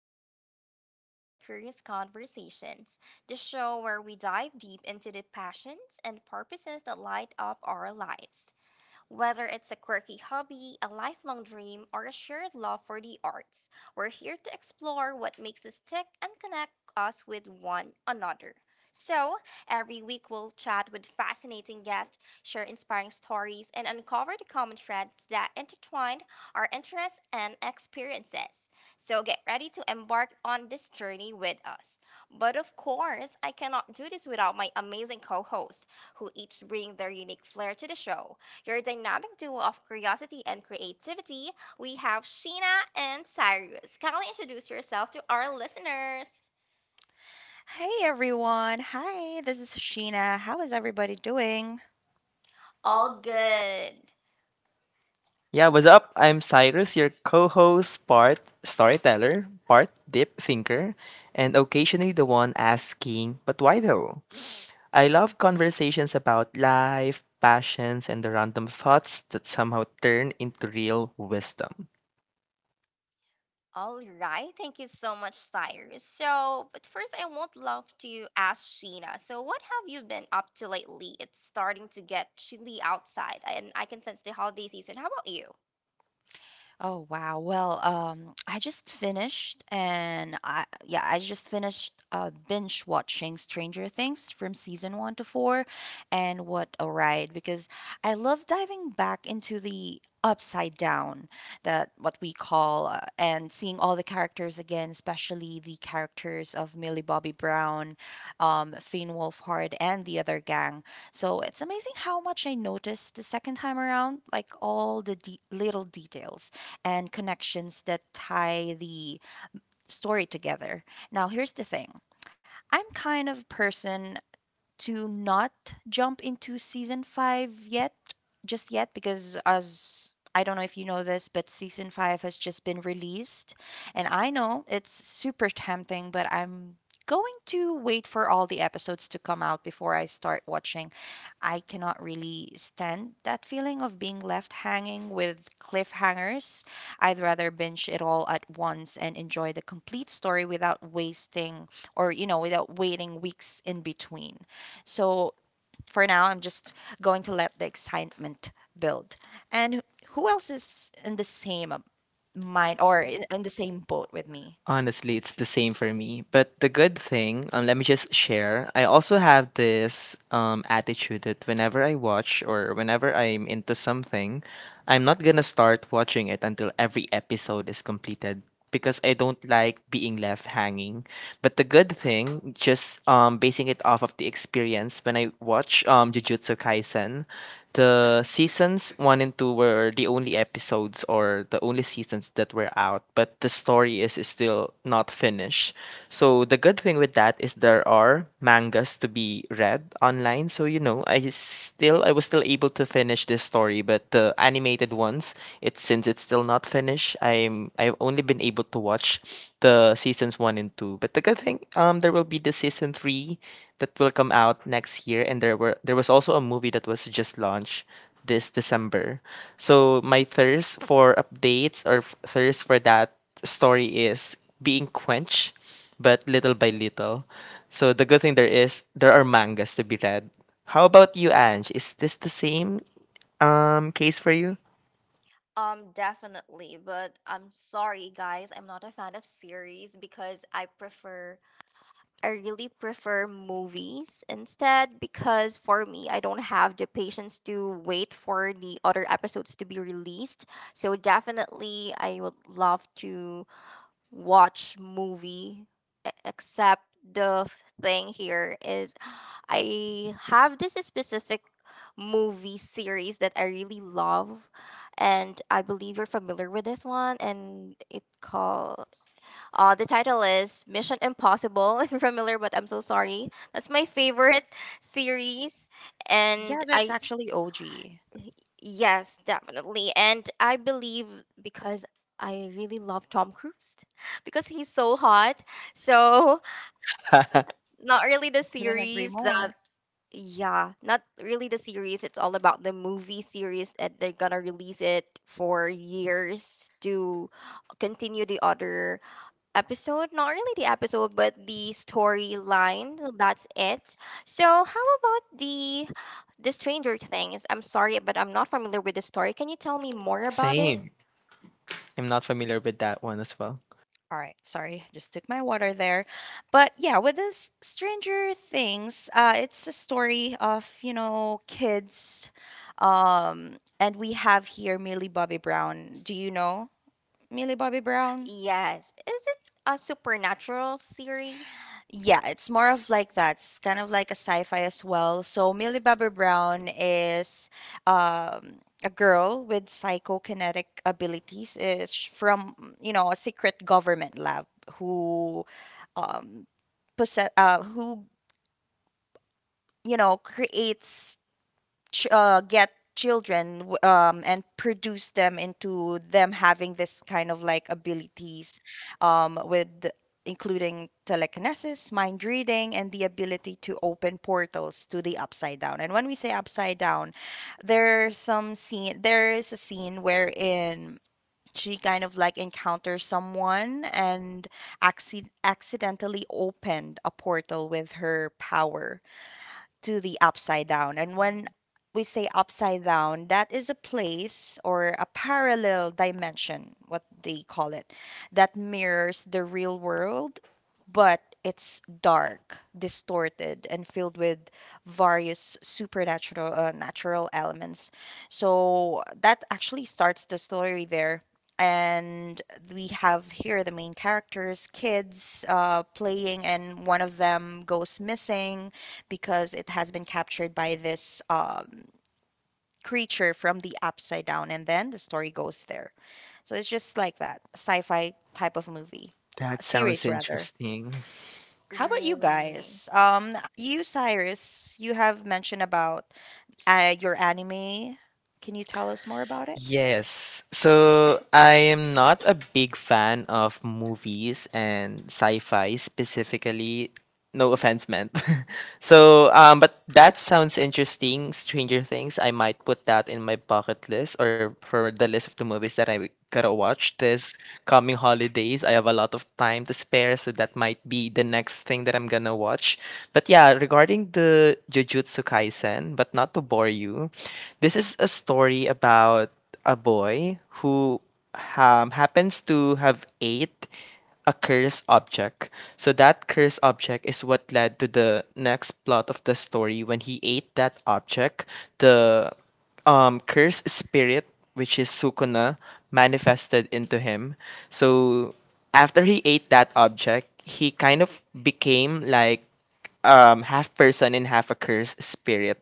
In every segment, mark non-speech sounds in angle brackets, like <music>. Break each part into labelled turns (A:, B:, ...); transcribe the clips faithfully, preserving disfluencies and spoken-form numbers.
A: to Beyond the Surface Curious Conversations, the show where we dive deep into the passions and purposes that light up our lives. Whether it's a quirky hobby, a lifelong dream, or a shared love for the arts, we're here to explore what makes us tick and connect us with one another. So, every week we'll chat with fascinating guests, share inspiring stories, and uncover the common threads that intertwine our interests and experiences. So, get ready to embark on this journey with us. But of course, I cannot do this without my amazing co hosts, who each bring their unique flair to the show. Your dynamic duo of curiosity and creativity, we have Sheena and Cyrus. Kindly introduce yourselves to our listeners.
B: Hey everyone. Hi, this is Sheena. How is everybody doing?
A: All good.
C: Yeah, what's up? I'm Cyrus, your co-host, part storyteller, part deep thinker, and occasionally the one asking, but why though? I love conversations about life, passions, and the random thoughts that somehow turn into real wisdom.
A: All right, thank you so much, Cyrus. So, but first, I would love to ask Sheena. So, what have you been up to lately? It's starting to get chilly outside, and I can sense the holiday season. How about you?
B: Oh wow. Well, um, I just finished and I yeah, I just finished uh binge watching Stranger Things from season one to four, and what a ride because I love diving back into the upside down, that what we call uh, and seeing all the characters again, especially the characters of Millie Bobby Brown, um, Finn Wolfhard, and the other gang. So it's amazing how much I noticed the second time around, like all the de little details and connections that tie the story together. Now, here's the thing. I'm kind of person to not jump into season five yet, just yet, because as I don't know if you know this, but season five has just been released, and I know it's super tempting, but I'm going to wait for all the episodes to come out before I start watching. I cannot really stand that feeling of being left hanging with cliffhangers. I'd rather binge it all at once and enjoy the complete story without wasting or, you know, without waiting weeks in between. So for now, I'm just going to let the excitement build. And who else is in the same mind or in in the same boat with me?
C: Honestly, it's the same for me. But the good thing, um, let me just share. I also have this um, attitude that whenever I watch or whenever I'm into something, I'm not gonna start watching it until every episode is completed because I don't like being left hanging. But the good thing, just um, basing it off of the experience, when I watch um, Jujutsu Kaisen, the seasons one and two were the only episodes or the only seasons that were out, but the story is is still not finished. So the good thing with that is there are mangas to be read online. So you know, I still I was still able to finish this story, but the animated ones, it's since it's still not finished, I'm I've only been able to watch the seasons one and two. But the good thing, um there will be the season three that will come out next year and there were there was also a movie that was just launched this December. So my thirst for updates or f- thirst for that story is being quenched but little by little. So the good thing there is there are mangas to be read. How about you, Ange? Is this the same um case for you?
A: Um, definitely, but I'm sorry, guys. I'm not a fan of series because I prefer I really prefer movies instead, because for me, I don't have the patience to wait for the other episodes to be released. So definitely, I would love to watch movie. e- Except the thing here is I have this specific movie series that I really love, and I believe you're familiar with this one, and it called uh, the title is Mission Impossible, <laughs> if you're familiar, but I'm so sorry. That's my favorite series. And
B: Yeah, that's
A: I,
B: actually O G.
A: yes, definitely. And I believe because I really love Tom Cruise <laughs> because he's so hot. So,
C: <laughs>
A: <laughs> not really the
B: Couldn't agree
A: series that.
B: more.
A: Yeah, not really the series. It's all about the movie series, and they're gonna release it for years to continue the other episode. Not really the episode, but the storyline. So that's it. So, how about the the Stranger Things? I'm sorry, but I'm not familiar with the story. Can you tell me more about it?
C: Same. I'm not familiar with that one as well.
B: All right, sorry, just took my water there. But yeah, with this Stranger Things, uh, it's a story of, you know, kids. Um, and we have here Millie Bobby Brown. Do you know Millie Bobby Brown?
A: Yes. Is it a supernatural series?
B: Yeah, it's more of like that. It's kind of like a sci-fi as well. So Millie Bobby Brown is um, a girl with psychokinetic abilities. Is from, you know, a secret government lab who um, possess uh, who you know creates ch- uh, get children w- um, and produce them into them having this kind of like abilities, um, with including telekinesis mind reading and the ability to open portals to the upside down, and when we say upside down there's some scene there is a scene wherein she kind of like encounters someone and acci- accidentally opened a portal with her power to the upside down. And when we say upside down, that is a place or a parallel dimension, what they call it, that mirrors the real world, but it's dark, distorted, and filled with various supernatural uh, natural elements. So that actually starts the story there. And we have here the main characters, kids uh, playing, and one of them goes missing because it has been captured by this um, creature from the upside down, and then the story goes there. So it's just like that sci-fi type of movie, uh,
C: That
B: series
C: sounds
B: rather.
C: interesting.
B: How about you
A: Really?
B: guys? Um, you, Cyrus, you have mentioned about uh, your anime. Can you tell us more about it?
C: Yes. So I am not a big fan of movies and sci-fi specifically. No offense meant. <laughs> So, um, but that sounds interesting. Stranger Things, I might put that in my bucket list or for the list of the movies that I gotta watch this coming holidays. I have a lot of time to spare, so that might be the next thing that I'm gonna watch. But yeah, regarding the Jujutsu Kaisen, but not to bore you, this is a story about a boy who um, happens to have ate a cursed object. So that cursed object is what led to the next plot of the story. When he ate that object, the um, cursed spirit, which is Sukuna, manifested into him. So after he ate that object, he kind of became like um, half person and half a cursed spirit.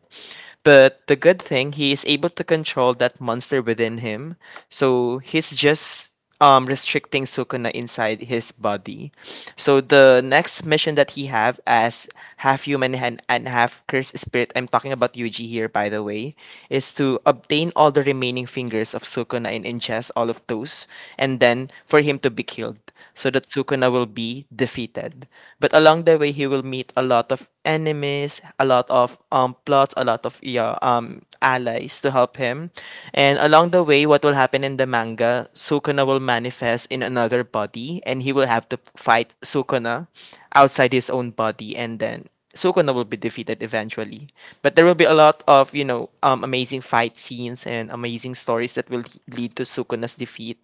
C: But the good thing, he is able to control that monster within him. So he's just um, restricting Sukuna inside his body. So the next mission that he have as half human and, and half cursed spirit, I'm talking about Yuji here by the way, is to obtain all the remaining fingers of Sukuna and ingest all of those, and then for him to be killed so that Sukuna will be defeated, but along the way he will meet a lot of enemies, a lot of um plots, a lot of yeah, um allies to help him. And along the way, what will happen in the manga, Sukuna will manifest in another body and he will have to fight Sukuna outside his own body, and then Sukuna will be defeated eventually, but there will be a lot of you know um, amazing fight scenes and amazing stories that will lead to Sukuna's defeat,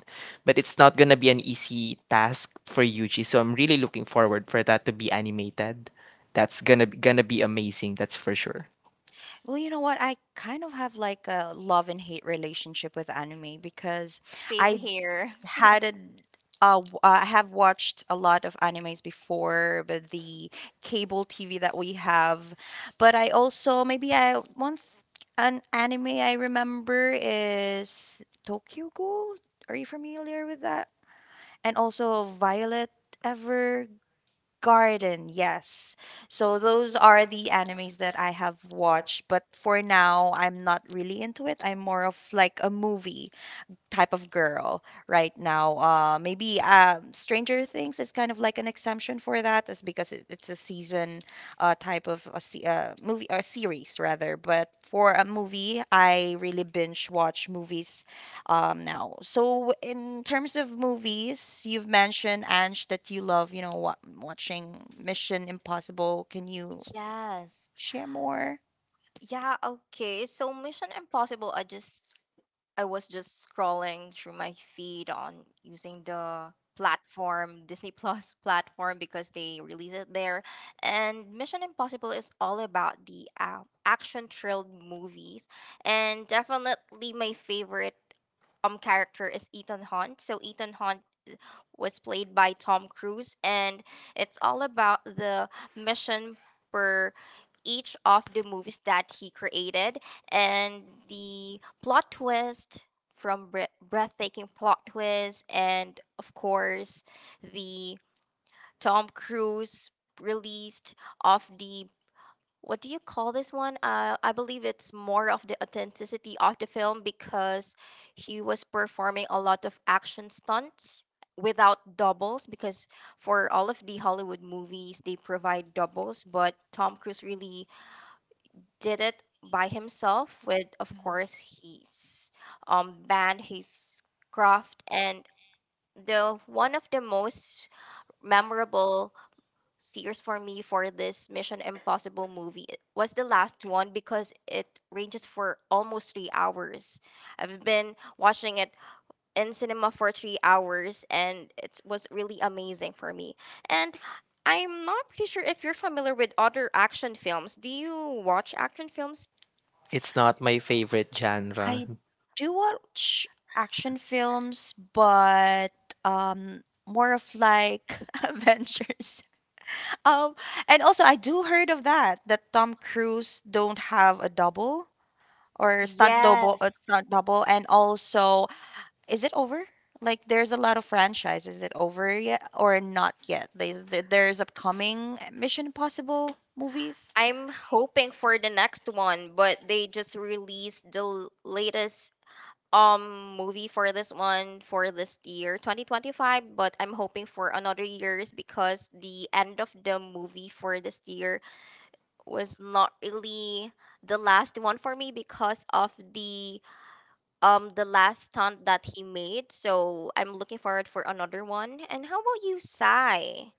C: but it's not gonna be an easy task for Yuji. So I'm really looking forward for that to be animated. That's gonna gonna be amazing. That's for sure.
B: Well, you know what? I kind of have like a love and hate relationship with anime because
A: Same
B: I
A: here. <laughs>
B: hadn't uh, w- uh, I have watched a lot of animes before with the cable T V that we have, but I also maybe I one th- an anime I remember is Tokyo Ghoul. Are you familiar with that? And also Violet Evergarden. Yes. So those are the animes that I have watched, but for now I'm not really into it. I'm more of like a movie type of girl right now. Uh, maybe um, Stranger Things is kind of like an exemption for that, is because it, it's a season uh, type of a se- uh, movie, a series rather. But for a movie, I really binge watch movies um, now. So in terms of movies, you've mentioned Ange that you love, you know, wa- watching Mission Impossible. Can you
A: Yes.
B: share more?
A: Yeah, okay. So Mission Impossible, I just I was just scrolling through my feed on using the platform, Disney Plus <laughs> platform, because they release it there. And Mission Impossible is all about the uh, action thrilled movies. And definitely my favorite um character is Ethan Hunt. So Ethan Hunt was played by Tom Cruise, and it's all about the mission per each of the movies that he created, and the plot twist, from bre- breathtaking plot twist, and of course the Tom Cruise released of the what do you call this one? Uh, I believe it's more of the authenticity of the film because he was performing a lot of action stunts without doubles, because for all of the Hollywood movies they provide doubles, but Tom Cruise really did it by himself with of course his um band, his craft. And the one of the most memorable series for me for this Mission Impossible movie was the last one, because it ranges for almost three hours. I've been watching it in cinema for three hours and it was really amazing for me. And I'm not pretty sure if you're familiar with other action films. Do you watch action films?
C: It's not my favorite
B: I
C: genre.
B: do watch action films, but um, more of like <laughs> adventures. Um, and also I do heard of that that Tom Cruise don't have a double or stunt double, uh,
A: Yes.
B: stunt double, and also is it over? Like there's a lot of franchise. Is it over yet or not yet? There's there- there's upcoming Mission Impossible movies.
A: I'm hoping for the next one, but they just released the l- latest um movie for this one, for this year twenty twenty-five, but I'm hoping for another years, because the end of the movie for this year was not really the last one for me because of the um the last stunt that he made. So I'm looking forward for another one. And how about you, Sai?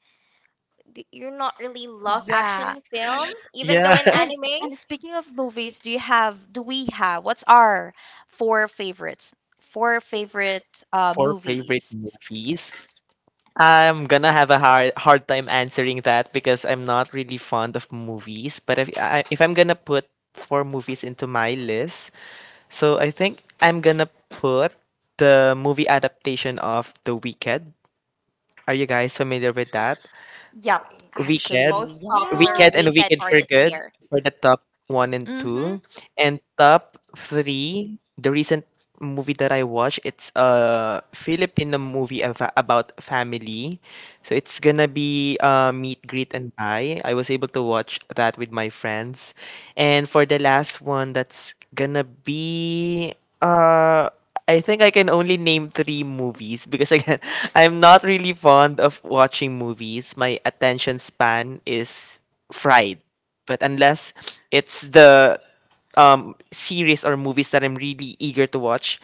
A: Do you not really love
B: Yeah,
A: action films, even though
C: Yeah,
A: in
B: And
C: <laughs>
A: anime?
B: and speaking of movies, do you have do we have what's our four favorites? Four favorite uh
C: for favorite
B: movies.
C: movies, I'm gonna have a hard hard time answering that because I'm not really fond of movies. But if I, if I'm gonna put four movies into my list, so I think I'm gonna put the movie adaptation of The Wicked. Are you guys familiar with that?
B: Yep,
A: Okay.
C: Wicked,
B: actually.
A: Most popular
C: Wicked and
B: Yes.
A: weekend
C: Wicked
A: for
C: for
A: this
C: Good
A: year.
C: for the top one and
B: Mm-hmm.
C: two, and top three. The recent movie that I watched, it's a Filipino movie ava- about family, so it's gonna be uh, meet, greet, and buy. I was able to watch that with my friends, and for the last one, that's gonna be uh I think I can only name three movies because again, <laughs> I'm not really fond of watching movies. My attention span is fried. But unless it's the um, series or movies that I'm really eager to watch,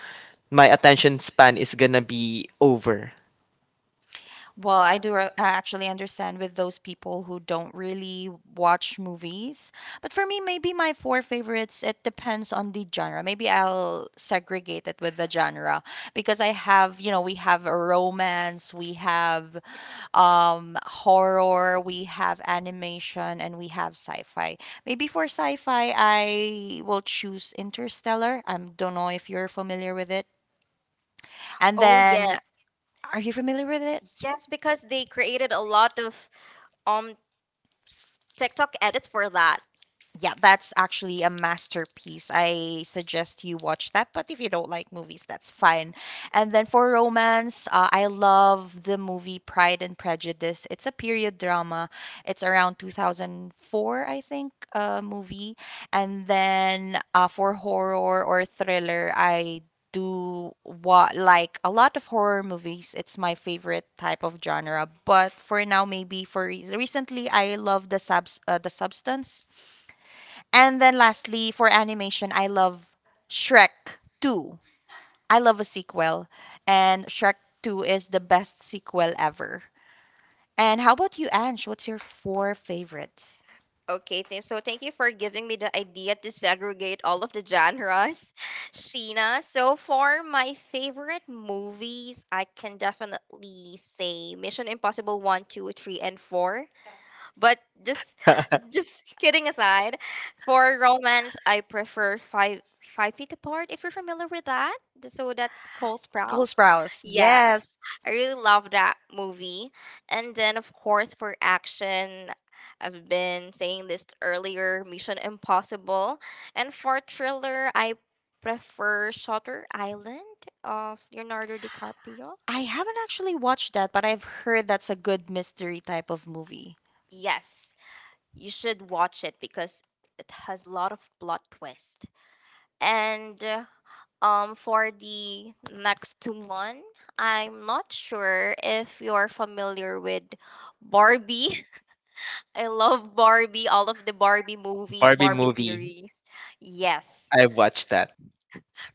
C: my attention span is gonna be over.
B: Well, I do uh, actually understand with those people who don't really watch movies. But for me, maybe my four favorites, it depends on the genre. Maybe I'll segregate it with the genre because I have, you know, we have a romance, we have um horror, we have animation, and we have sci-fi. Maybe for sci-fi, I will choose Interstellar. I don't know if you're familiar with it. And
A: Oh
B: then,
A: yes,
B: are you familiar with it?
A: yes, because they created a lot of um TikTok edits for that.
B: Yeah, that's actually a masterpiece. I suggest you watch that, but if you don't like movies, that's fine. And then for romance, uh, I love the movie Pride and Prejudice. It's a period drama. It's around two thousand four, I think, uh, movie. And then uh, for horror or thriller, I do what like a lot of horror movies. It's my favorite type of genre. But for now, maybe for re- recently, I love the subs uh, the Substance. And then lastly, for animation, I love Shrek two. I love a sequel, and Shrek two is the best sequel ever. And how about you, Ange? What's your four favorites?
A: Okay, th- so thank you for giving me the idea to segregate all of the genres, <laughs> Sheena. So for my favorite movies, I can definitely say Mission Impossible One, Two, Three, and four. But just
C: <laughs>
A: just kidding aside, for romance, I prefer five five feet apart. If you're familiar with that, Th- so that's Cole Sprouse.
B: Sprouse. Yes.
A: Yes, I really love that movie. And then of course, for action, I've been saying this earlier, Mission Impossible. And for thriller, I prefer Shutter Island of Leonardo DiCaprio.
B: I haven't actually watched that, but I've heard that's a good mystery type of movie.
A: Yes, you should watch it because it has a lot of plot twist. And uh, um, for the next one, I'm not sure if you're familiar with Barbie. <laughs> I love Barbie, all of the Barbie movies,
C: Barbie
A: Barbie
C: movie.
A: series. Yes.
C: I watched that.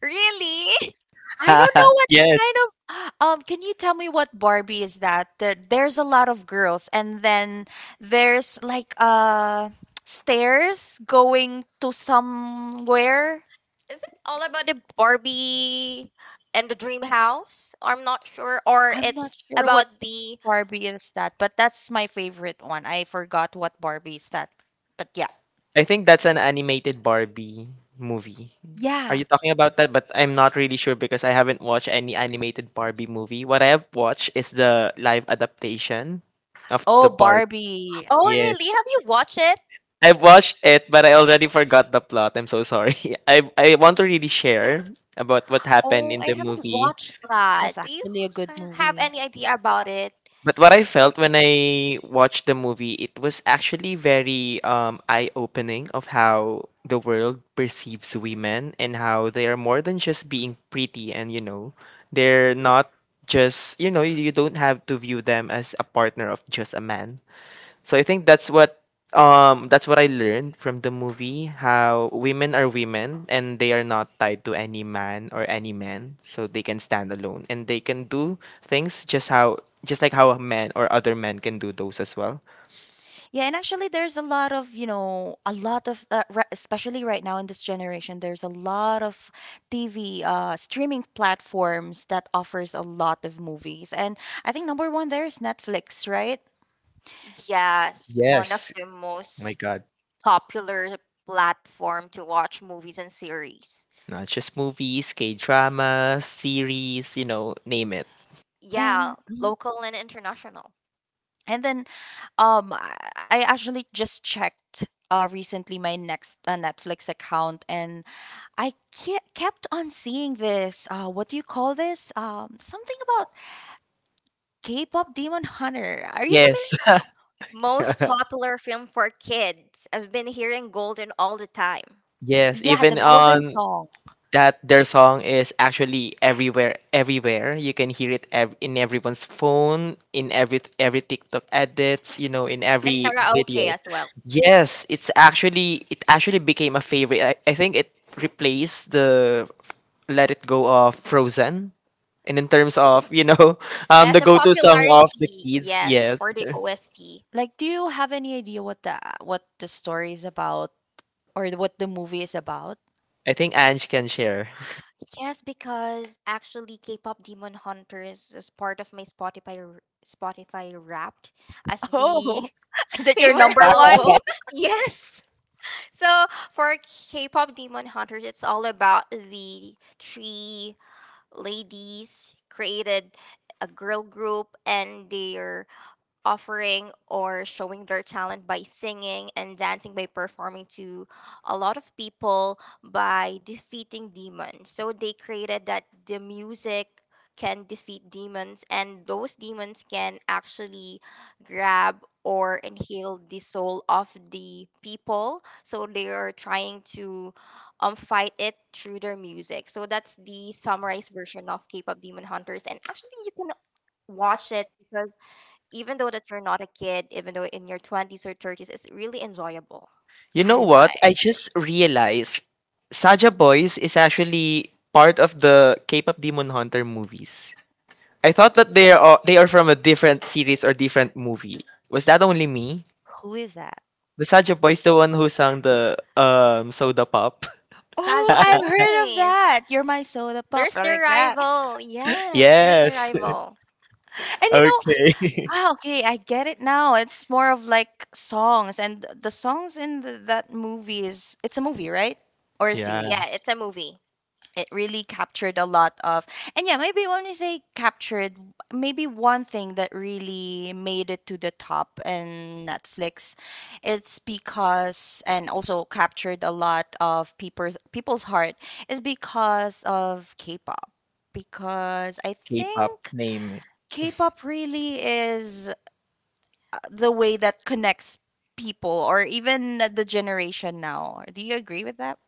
A: Really? <laughs>
B: I don't know
C: <laughs>
B: what
C: Yes.
B: kind of <gasps> um can you tell me what Barbie is that? There, there's a lot of girls and then there's like uh <tsk> stairs going to somewhere.
A: Is it all about the Barbie and the dream house? I'm not sure. Or
B: I'm not
A: it's
B: sure what
A: about the
B: Barbie is that, but that's my favorite one. I forgot what Barbie is that. But yeah.
C: I think that's an animated Barbie movie. Are
B: Yeah.
C: you talking about that? But I'm not really sure because I haven't watched any animated Barbie movie. What I have watched is the live adaptation of
B: Oh,
C: the Barbie.
B: Barbie.
A: Oh,
C: Yes.
A: really? Have you watched it?
C: I've watched it, but I already forgot the plot. I'm so sorry. <laughs> I I want to really share about what happened
A: Oh,
C: in
A: I
C: the
A: haven't
C: movie.
A: watched
B: That's
A: that. Do you
B: actually a good
A: ha- have
B: movie.
A: any idea about it?
C: But what I felt when I watched the movie, it was actually very um, eye-opening of how the world perceives women and how they are more than just being pretty, and you know, they're not just, you know, you you don't have to view them as a partner of just a man. So I think that's what um that's what I learned from the movie, how women are women and they are not tied to any man or any men, so they can stand alone and they can do things just how, just like how men or other men can do those as well.
B: Yeah, and actually, there's a lot of, you know, a lot of, uh, ri- especially right now in this generation, there's a lot of T V uh, streaming platforms that offers a lot of movies, and I think number one there is Netflix, right?
A: Yes, one of
C: Yes.
A: the
C: My
A: most
C: God.
A: popular platform to watch movies and series.
C: Not just movies, K dramas, series, you know, name it.
B: And,
A: Yeah,
B: mhm,
A: local and international.
B: and then um, I I actually just checked uh recently my next uh, Netflix account, and I ke- kept on seeing this. Uh, what do you call this? Um, something about K-pop Demon Hunter. Are you
C: Yes.
B: familiar?
A: Most
C: <laughs>
A: popular film for kids. I've been hearing Golden all the time.
C: Yes,
B: Yeah, the
C: even
B: Golden
C: on
B: Song.
C: that, their song is actually everywhere, everywhere you can hear it ev- in everyone's phone, in every every tiktok edits, you know, in
A: And
C: every
A: karaoke
C: video.
A: as well.
C: Yes, it's actually, it actually became a favorite. I, I think it replaced the let it go of frozen and in terms of, you know, <laughs> um
A: Yes,
C: the
A: the
C: go-to song of the
A: popularity.
C: kids.
A: Yes,
C: Yes.
A: for the
C: <laughs>
A: O S T.
B: Like, do you have any idea what the what the story is about or what the movie is about? <laughs>
C: I think Ange can share.
A: Yes, because actually K-pop Demon Hunters is part of my Spotify r- Spotify Wrapped as the
B: Oh, <laughs> is
A: <laughs>
B: it your
A: favorite
B: number
C: <laughs>
B: one?
A: album. <laughs> Yes. So for K-pop Demon Hunters, it's all about the three ladies created a girl group, and their offering or showing their talent by singing and dancing, by performing to a lot of people by defeating demons. So they created that the music can defeat demons, and those demons can actually grab or inhale the soul of the people, so they are trying to um fight it through their music. So that's the summarized version of K-pop Demon Hunters, and actually you can watch it, because even though that you're not a kid, even though in your twenties or thirties, it's really enjoyable.
C: You know
B: I <laughs>
C: what?
B: might.
C: I just realized Saja Boys is actually part of the K-pop Demon Hunter movies. I thought that they are they are from a different series or different movie. Was that only me?
B: Who is that?
C: The Saja Boys, the one who sang the um Soda Pop.
B: Oh,
A: Saja
B: I've heard of
A: Boys.
B: that. You're my soda pop,
A: There's the
B: like that. <laughs>
A: rival.
C: <laughs>
A: Yes, there's the
C: Yes.
A: rival.
B: And
C: <laughs>
B: you know,
C: Okay.
B: ah, okay, I get it now. It's more of like songs, and th- the songs in the, that movie is it's a movie, right? Or
C: <laughs>
B: a
C: Yeah.
A: Yeah,
B: series?
A: it's a movie.
B: It really captured a lot of and yeah maybe when we say captured, maybe one thing that really made it to the top in Netflix, it's because and also captured a lot of people's people's heart, is because of K-pop, because I
C: K-pop
B: think
C: name.
B: K-pop really is uh, the way that connects people or even the generation now. Do you agree with that?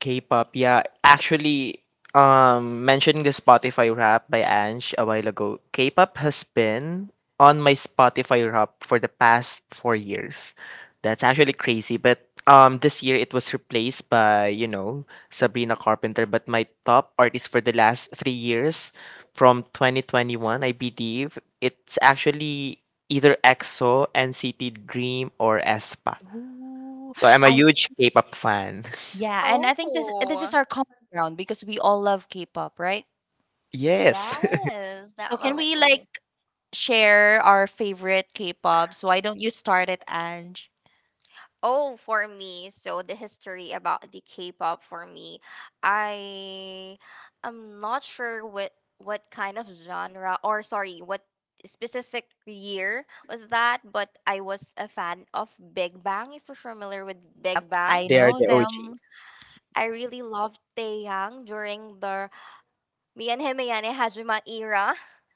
C: K-pop, yeah. Actually, um, mentioning the Spotify rap by Ange a while ago, K-pop has been on my Spotify rap for the past four years. That's actually crazy, but um, this year it was replaced by you know Sabrina Carpenter. But my top artist for the last three years, from twenty twenty-one, I believe it's actually either E X O, N C T Dream, or aespa.
B: Ooh,
C: So I'm a
B: I.
C: huge K-pop fan.
B: Yeah, and I think this this
A: Oh,
B: is our common ground because we all love K-pop, right?
C: <laughs> Yes.
A: yes,
B: So can we like
A: definitely.
B: share our favorite K-pops? Why don't you start it, Ange?
A: Oh, for me, so the history about the K-pop for me, I am not sure what what kind of genre, or sorry, what specific year was that, but I was a fan of Big Bang. If you're familiar with Big Bang,
B: I
C: They are
B: know
C: the O G.
B: them.
A: I really loved Taeyang during the Me and Him Ayane Hajima era.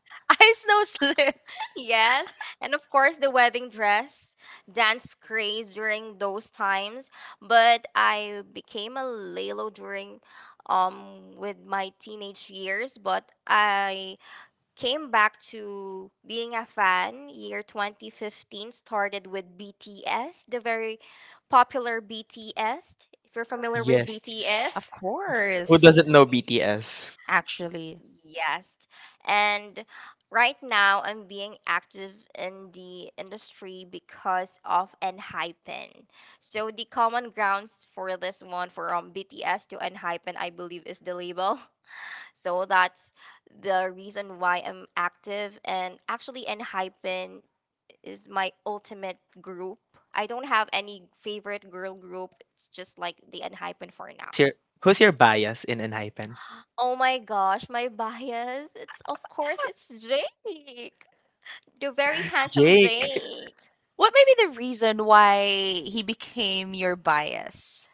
B: <laughs> Ice Snow Slips.
A: Yes, and of course the wedding dress dance craze during those times. But I became a Lalo during um with my teenage years, but I came back to being a fan. Year twenty fifteen started with B T S, the very popular B T S. If you're familiar with
C: Yes.
B: Of
A: B T S.
C: Who doesn't
B: course,
C: know B T S?
B: actually.
A: Yes. And right now I'm being active in the industry because of Enhypen. So the common grounds for this one from B T S to Enhypen, I believe, is the label. <laughs> So that's the reason why I'm active, and actually Enhypen is my ultimate group. I don't have any favorite girl group. It's just like the Enhypen for now.
C: Who's your, who's your bias in Enhypen?
A: Oh my gosh, my bias. It's of course it's Jake. The very handsome
C: Jake.
A: Jake.
B: What may be the reason why he became your bias?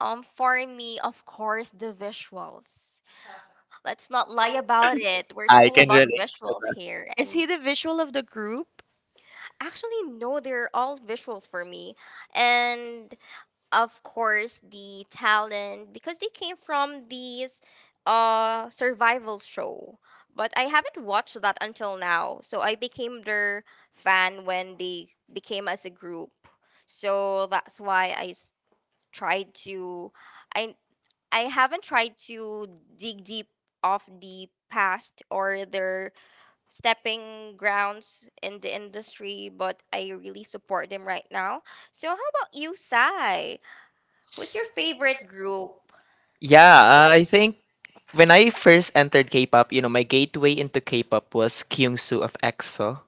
A: Um for me, of course, the visuals. Let's not lie about it. We're
C: I
A: talking
C: can
A: about
C: relate to
A: visuals
C: that.
A: here.
B: Is
A: And
B: he the visual of the group?
A: actually no, they're all visuals for me. And of course the talent, because they came from these uh survival show, but I haven't watched that until now. So I became their fan when they became as a group. So that's why I s- tried to I I haven't tried to dig deep of the past or their stepping grounds in the industry, but I really support them right now. So how about you, Sai? Who's your favorite group?
C: Yeah, uh, I think when I first entered K-pop, you know, my gateway into K-pop was Kyungsu of E X O.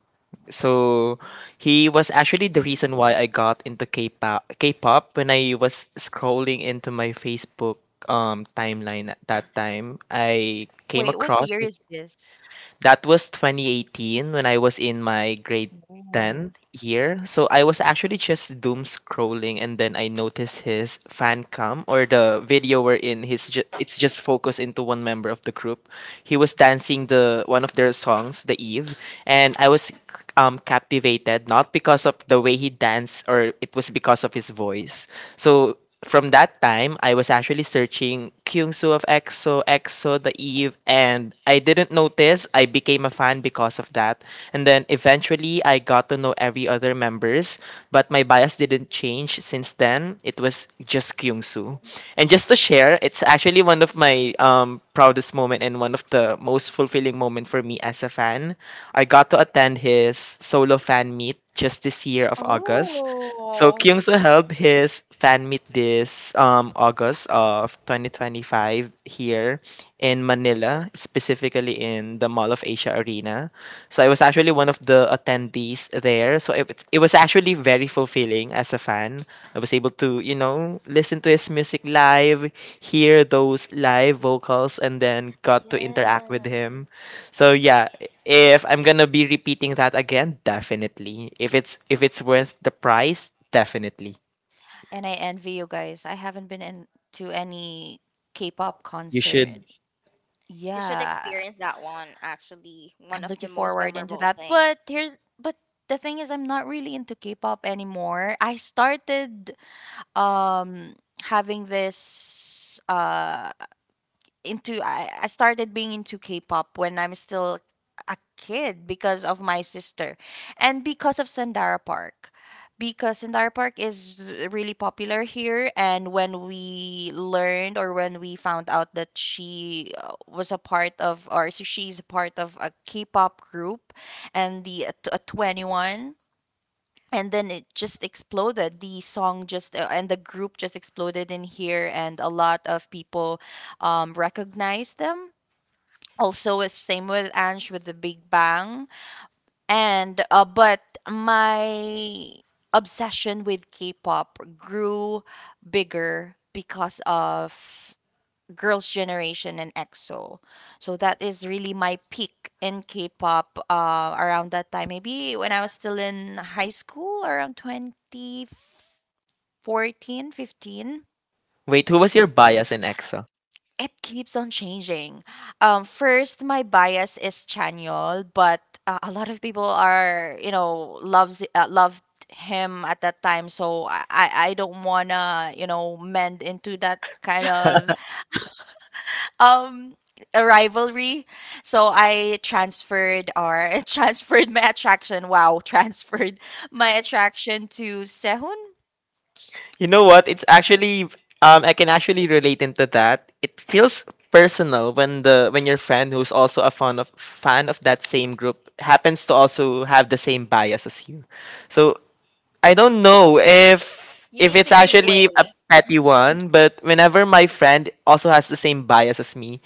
C: So he was actually the
B: Mhm.
C: reason why I got into K-pop. K-pop when I was scrolling into my Facebook um timeline at that time, I came
B: Wait, what
C: across.
B: year is this?
C: That was twenty eighteen when I was in my grade
B: Ooh.
C: ten year. So I was actually just doom scrolling and then I noticed his fan cam or the video wherein his ju- it's just focused into one member of the group. He was dancing the one of their songs, The Eve, and I was um captivated, not because of the way he danced or it was because of his voice. So from that time, I was actually searching Kyungsu of E X O, E X O, The Eve, and I didn't notice I became a fan because of that. And then eventually, I got to know every other members, but my bias didn't change since then. It was just Kyungsu. And just to share, it's actually one of my um, proudest moment and one of the most fulfilling moment for me as a fan. I got to attend his solo fan meet just this year of August, so
A: Oh.
C: Kyungso held his fan meet this um, August of twenty twenty-five here in Manila, specifically in the Mall of Asia Arena. So I was actually one of the attendees there. So it, was- it was actually very fulfilling as a fan. I was able to, you know, listen to his music live, hear those live vocals, and then got to interact with
A: Yes.
C: him. So yeah, if I'm gonna be repeating that again, definitely. If it's if it's worth the price, definitely.
B: And I envy you guys. I haven't been in to any K-pop
C: You
B: concert.
C: should
A: You should
B: Yeah,
A: experience that one, actually. One
B: I'm
A: of the
B: looking
A: most
B: forward into
A: memorable
B: that.
A: thing.
B: But here's but the thing is I'm not really into K-pop anymore. I started um having this uh into I, I started being into K-pop when I'm still a kid because of my sister and because of Sandara Park. Because Sandara Park is really popular here, and when we learned or when we found out that she uh, was a part of, or she's a part of a K-pop group and the uh, t- uh, twenty one, and then it just exploded the song just uh, and the group just exploded in here, and a lot of people um, recognized them, also it's same with Ange with the Big Bang, and uh, but my obsession with K-pop grew bigger because of Girls' Generation and EXO. So that is really my peak in K-pop, uh, around that time. Maybe when I was still in high school, around twenty fourteen, fifteen.
C: wait. Who was your bias in E X O?
B: It keeps on changing. Um, first, my bias is Chanyol, but uh, a lot of people are, you know, loves uh, loved him at that time. So I I I don't wanna, you know, mend into that kind of um a rivalry. So I transferred or <laughs> transferred my attraction. Wow, <laughs> transferred my attraction to Sehun.
C: You know what? It's actually um I can actually relate into that. It feels personal when the when your friend who's also a fan of fan of that same group happens to also have the same bias as you. So I don't know if
A: You
C: if
A: need
C: it's
A: to give way.
C: actually a petty one, but whenever my friend also has the same bias as me,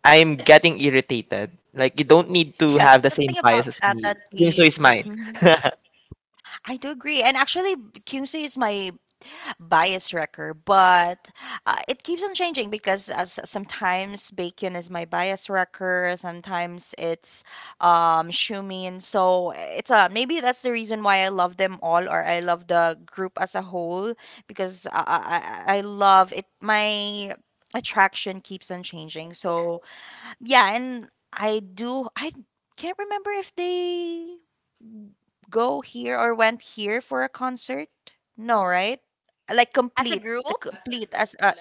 C: I'm getting irritated. Like you don't need to
B: Yeah,
C: have the
B: something
C: same
B: about
C: bias as
B: that that
C: me. Yung so
B: we.
C: is mine.
B: Mhm.
C: <laughs>
B: I do agree, and actually, Kimsey is my bias wrecker, but uh, it keeps on changing because uh, s- sometimes bacon is my bias wrecker, sometimes it's um, shumin. So it's a maybe that's the reason why I love them all, or I love the group as a whole because I, I, I I love it. My attraction keeps on changing. So yeah, and I do I can't remember if they go here or went here for a concert? No, right? Like
A: As a
B: complete,
A: group?
B: the complete as uh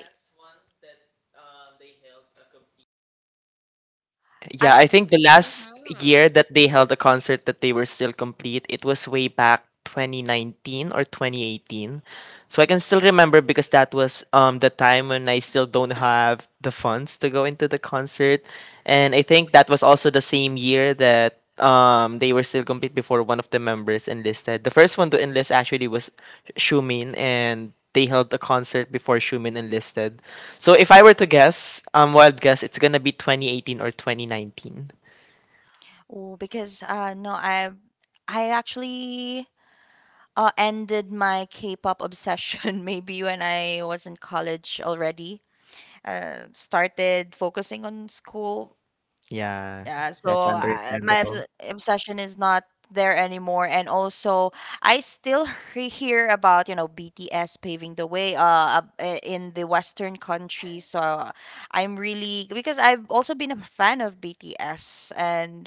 C: Yeah,
A: I'm.
C: I think the last
A: Mhm.
C: year that they held a concert that they were still complete, it was way back twenty nineteen or twenty eighteen. So I can still remember because that was um the time when I still don't have the funds to go into the concert. And I think that was also the same year that um they were still complete before one of the members enlisted. The first one to enlist actually was Shumin, and they held a concert before Shumin enlisted. So if I were to guess, um, wild guess, it's gonna be twenty eighteen or twenty nineteen.
B: Oh, because uh no, I I actually uh ended my K-pop obsession <laughs> maybe when I was in college already. Uh started focusing on school.
C: Yeah,
B: Yeah,
C: that's
B: so uh, my
C: understandable.
B: obs- obsession is not there anymore, and also I still <laughs> he- hear about you know B T S paving the way uh up- uh, in the Western countries. So uh, I'm really because I've also been a fan of B T S, and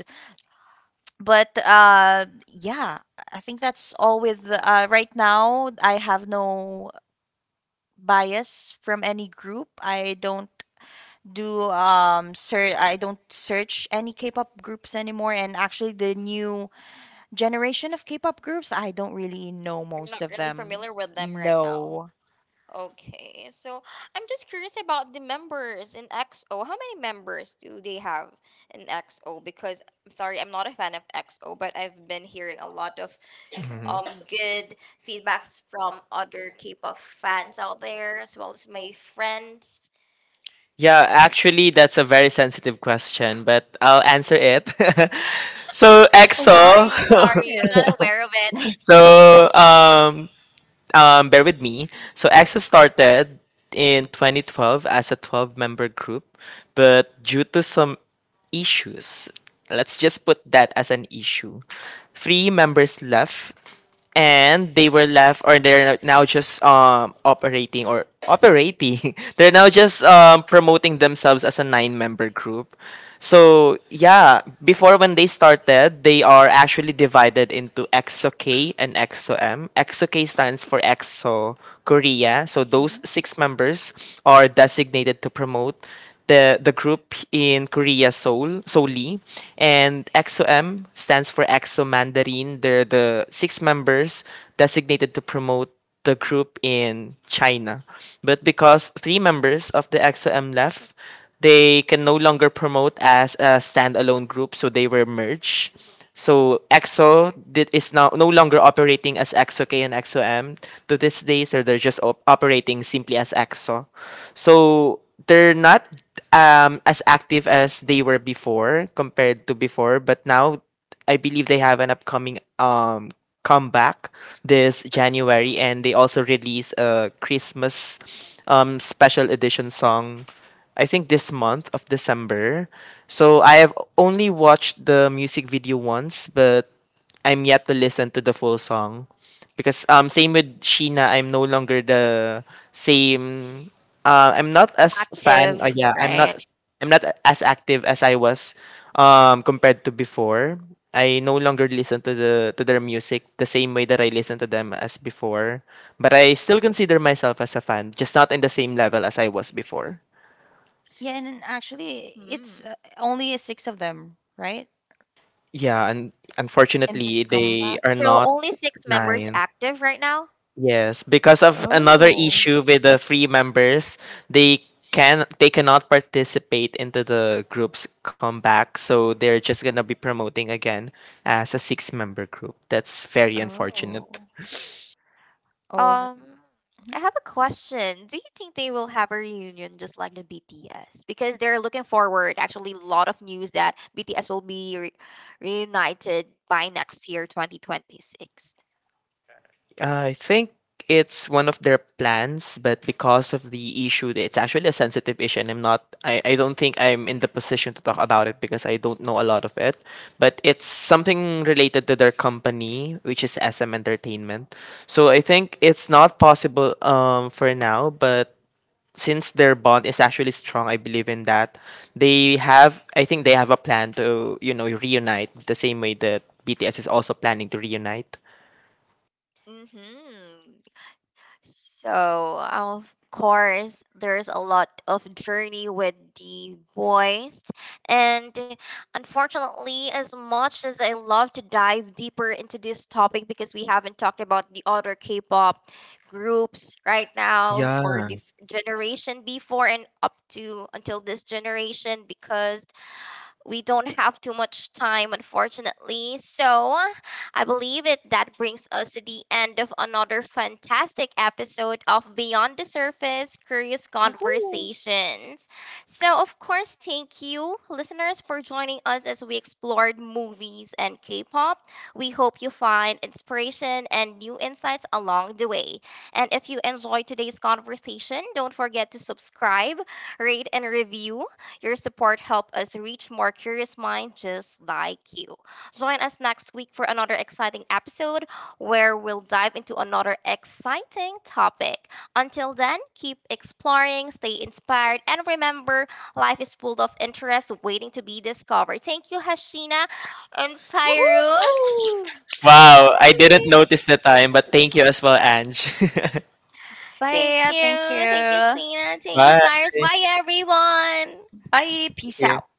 B: but uh yeah, I think that's all with uh right now. I have no bias from any group. I don't do um sir I don't search any K-pop groups anymore, and actually the new generation of K-pop groups I don't really know
A: You're
B: most
A: not
B: of
A: really
B: them.
A: familiar with them right now.
B: No.
A: Okay, so I'm just curious about the members in X O. How many members do they have in X O? Because I'm sorry, I'm not a fan of X O, but I've been hearing a lot of
C: Mhm.
A: um good feedbacks from other K-pop fans out there, as well as my friends.
C: Yeah, actually, that's a very sensitive question, but I'll answer it. <laughs> So
B: Oh, why is it
A: Sorry,
C: EXO, <laughs>
A: sorry.
B: sensitive?
A: I'm not aware of it.
C: so um, um, bear with me. So EXO started in twenty twelve as a twelve-member group, but due to some issues, let's just put that as an issue. Three members left, and they were left, or they're now just um operating or operating <laughs> they're now just um promoting themselves as a nine member group. So yeah, before, when they started, they are actually divided into exo k and exo m exo k stands for EXO Korea. So those
B: Mhm.
C: six members are designated to promote the the group in Korea, Seoul, solely. And EXO-M stands for EXO Mandarin. They're the six members designated to promote the group in China. But because three members of the EXO-M left, they can no longer promote as a standalone group, so they were merged. So EXO did, is now no longer operating as EXO-K and EXO-M. To this day, so they're just op- operating simply as EXO. So they're not um as active as they were before, compared to before but now I believe they have an upcoming um comeback this January, and they also release a Christmas um special edition song, I think this month of December. So I have only watched the music video once, but I'm yet to listen to the full song, because um same with Sheena, I'm no longer the same. uh, I'm not
A: <laughs>
C: as fan. Uh,
A: Active,
C: yeah, I'm
A: right?
C: not. I'm not as active as I was, um, compared to before. I no longer listen to the to their music the same way that I listen to them as before. But I still consider myself as a fan, just not in the same level as I was before.
B: Yeah, and then actually it's
A: Hmm.
B: uh, only a six of them, right?
C: Yeah, and
B: In this
C: unfortunately, they
B: comeback.
C: are
A: So
C: not
A: only six members
C: nine.
A: active right now?
C: Yes, because of another
A: Oh,
C: issue with the free members, they can they cannot participate into the group's comeback, so they're just gonna be promoting again as a six member group. That's very unfortunate.
A: oh.
B: Oh, is it-.
A: Um,
B: Mhm.
A: I have a question. Do you think they will have a reunion just like the B T S? Because they're looking forward. Actually, a lot of news that B T S will be re- reunited by next year, twenty twenty-six.
C: I think it's one of their plans, but because of the issue, it's actually a sensitive issue, and I'm not, I, I don't think I'm in the position to talk about it because I don't know a lot of it. But it's something related to their company, which is S M Entertainment. So I think it's not possible, um, for now, but since their bond is actually strong, I believe in that. They have, I think they have a plan to, you know, reunite the same way that B T S is also planning to reunite.
A: Mm-hmm. So, of course, there's a lot of journey with the boys. And unfortunately, as much as I love to dive deeper into this topic because we haven't talked about the other K pop groups right now for the f- generation before and up to until this generation, because we don't have too much time, unfortunately. So I believe it that brings us to the end of another fantastic episode of Beyond the Surface Curious
B: Woohoo.
A: Conversations. So, of course, thank you, listeners, for joining us as we explored movies and K pop. We hope you find inspiration and new insights along the way. And if you enjoyed today's conversation, don't forget to subscribe, rate, and review. Your support help us reach more curious minds just like you. Join us next week for another exciting episode where we'll dive into another exciting topic. Until then, keep exploring, stay inspired, and remember, life is full of interest waiting to be discovered. Thank you, Hashina and Cyrus.
B: Woohoo.
C: Wow, I
B: Bye.
C: didn't notice the time, but thank you as well, Ange. <laughs>
A: Thank
B: Bye. Thank
A: you. Thank you,
B: you.
A: Sheena. Thank you,
C: Bye.
A: Cyrus. Bye, everyone.
B: Bye.
C: Thank
B: Peace out.
C: you.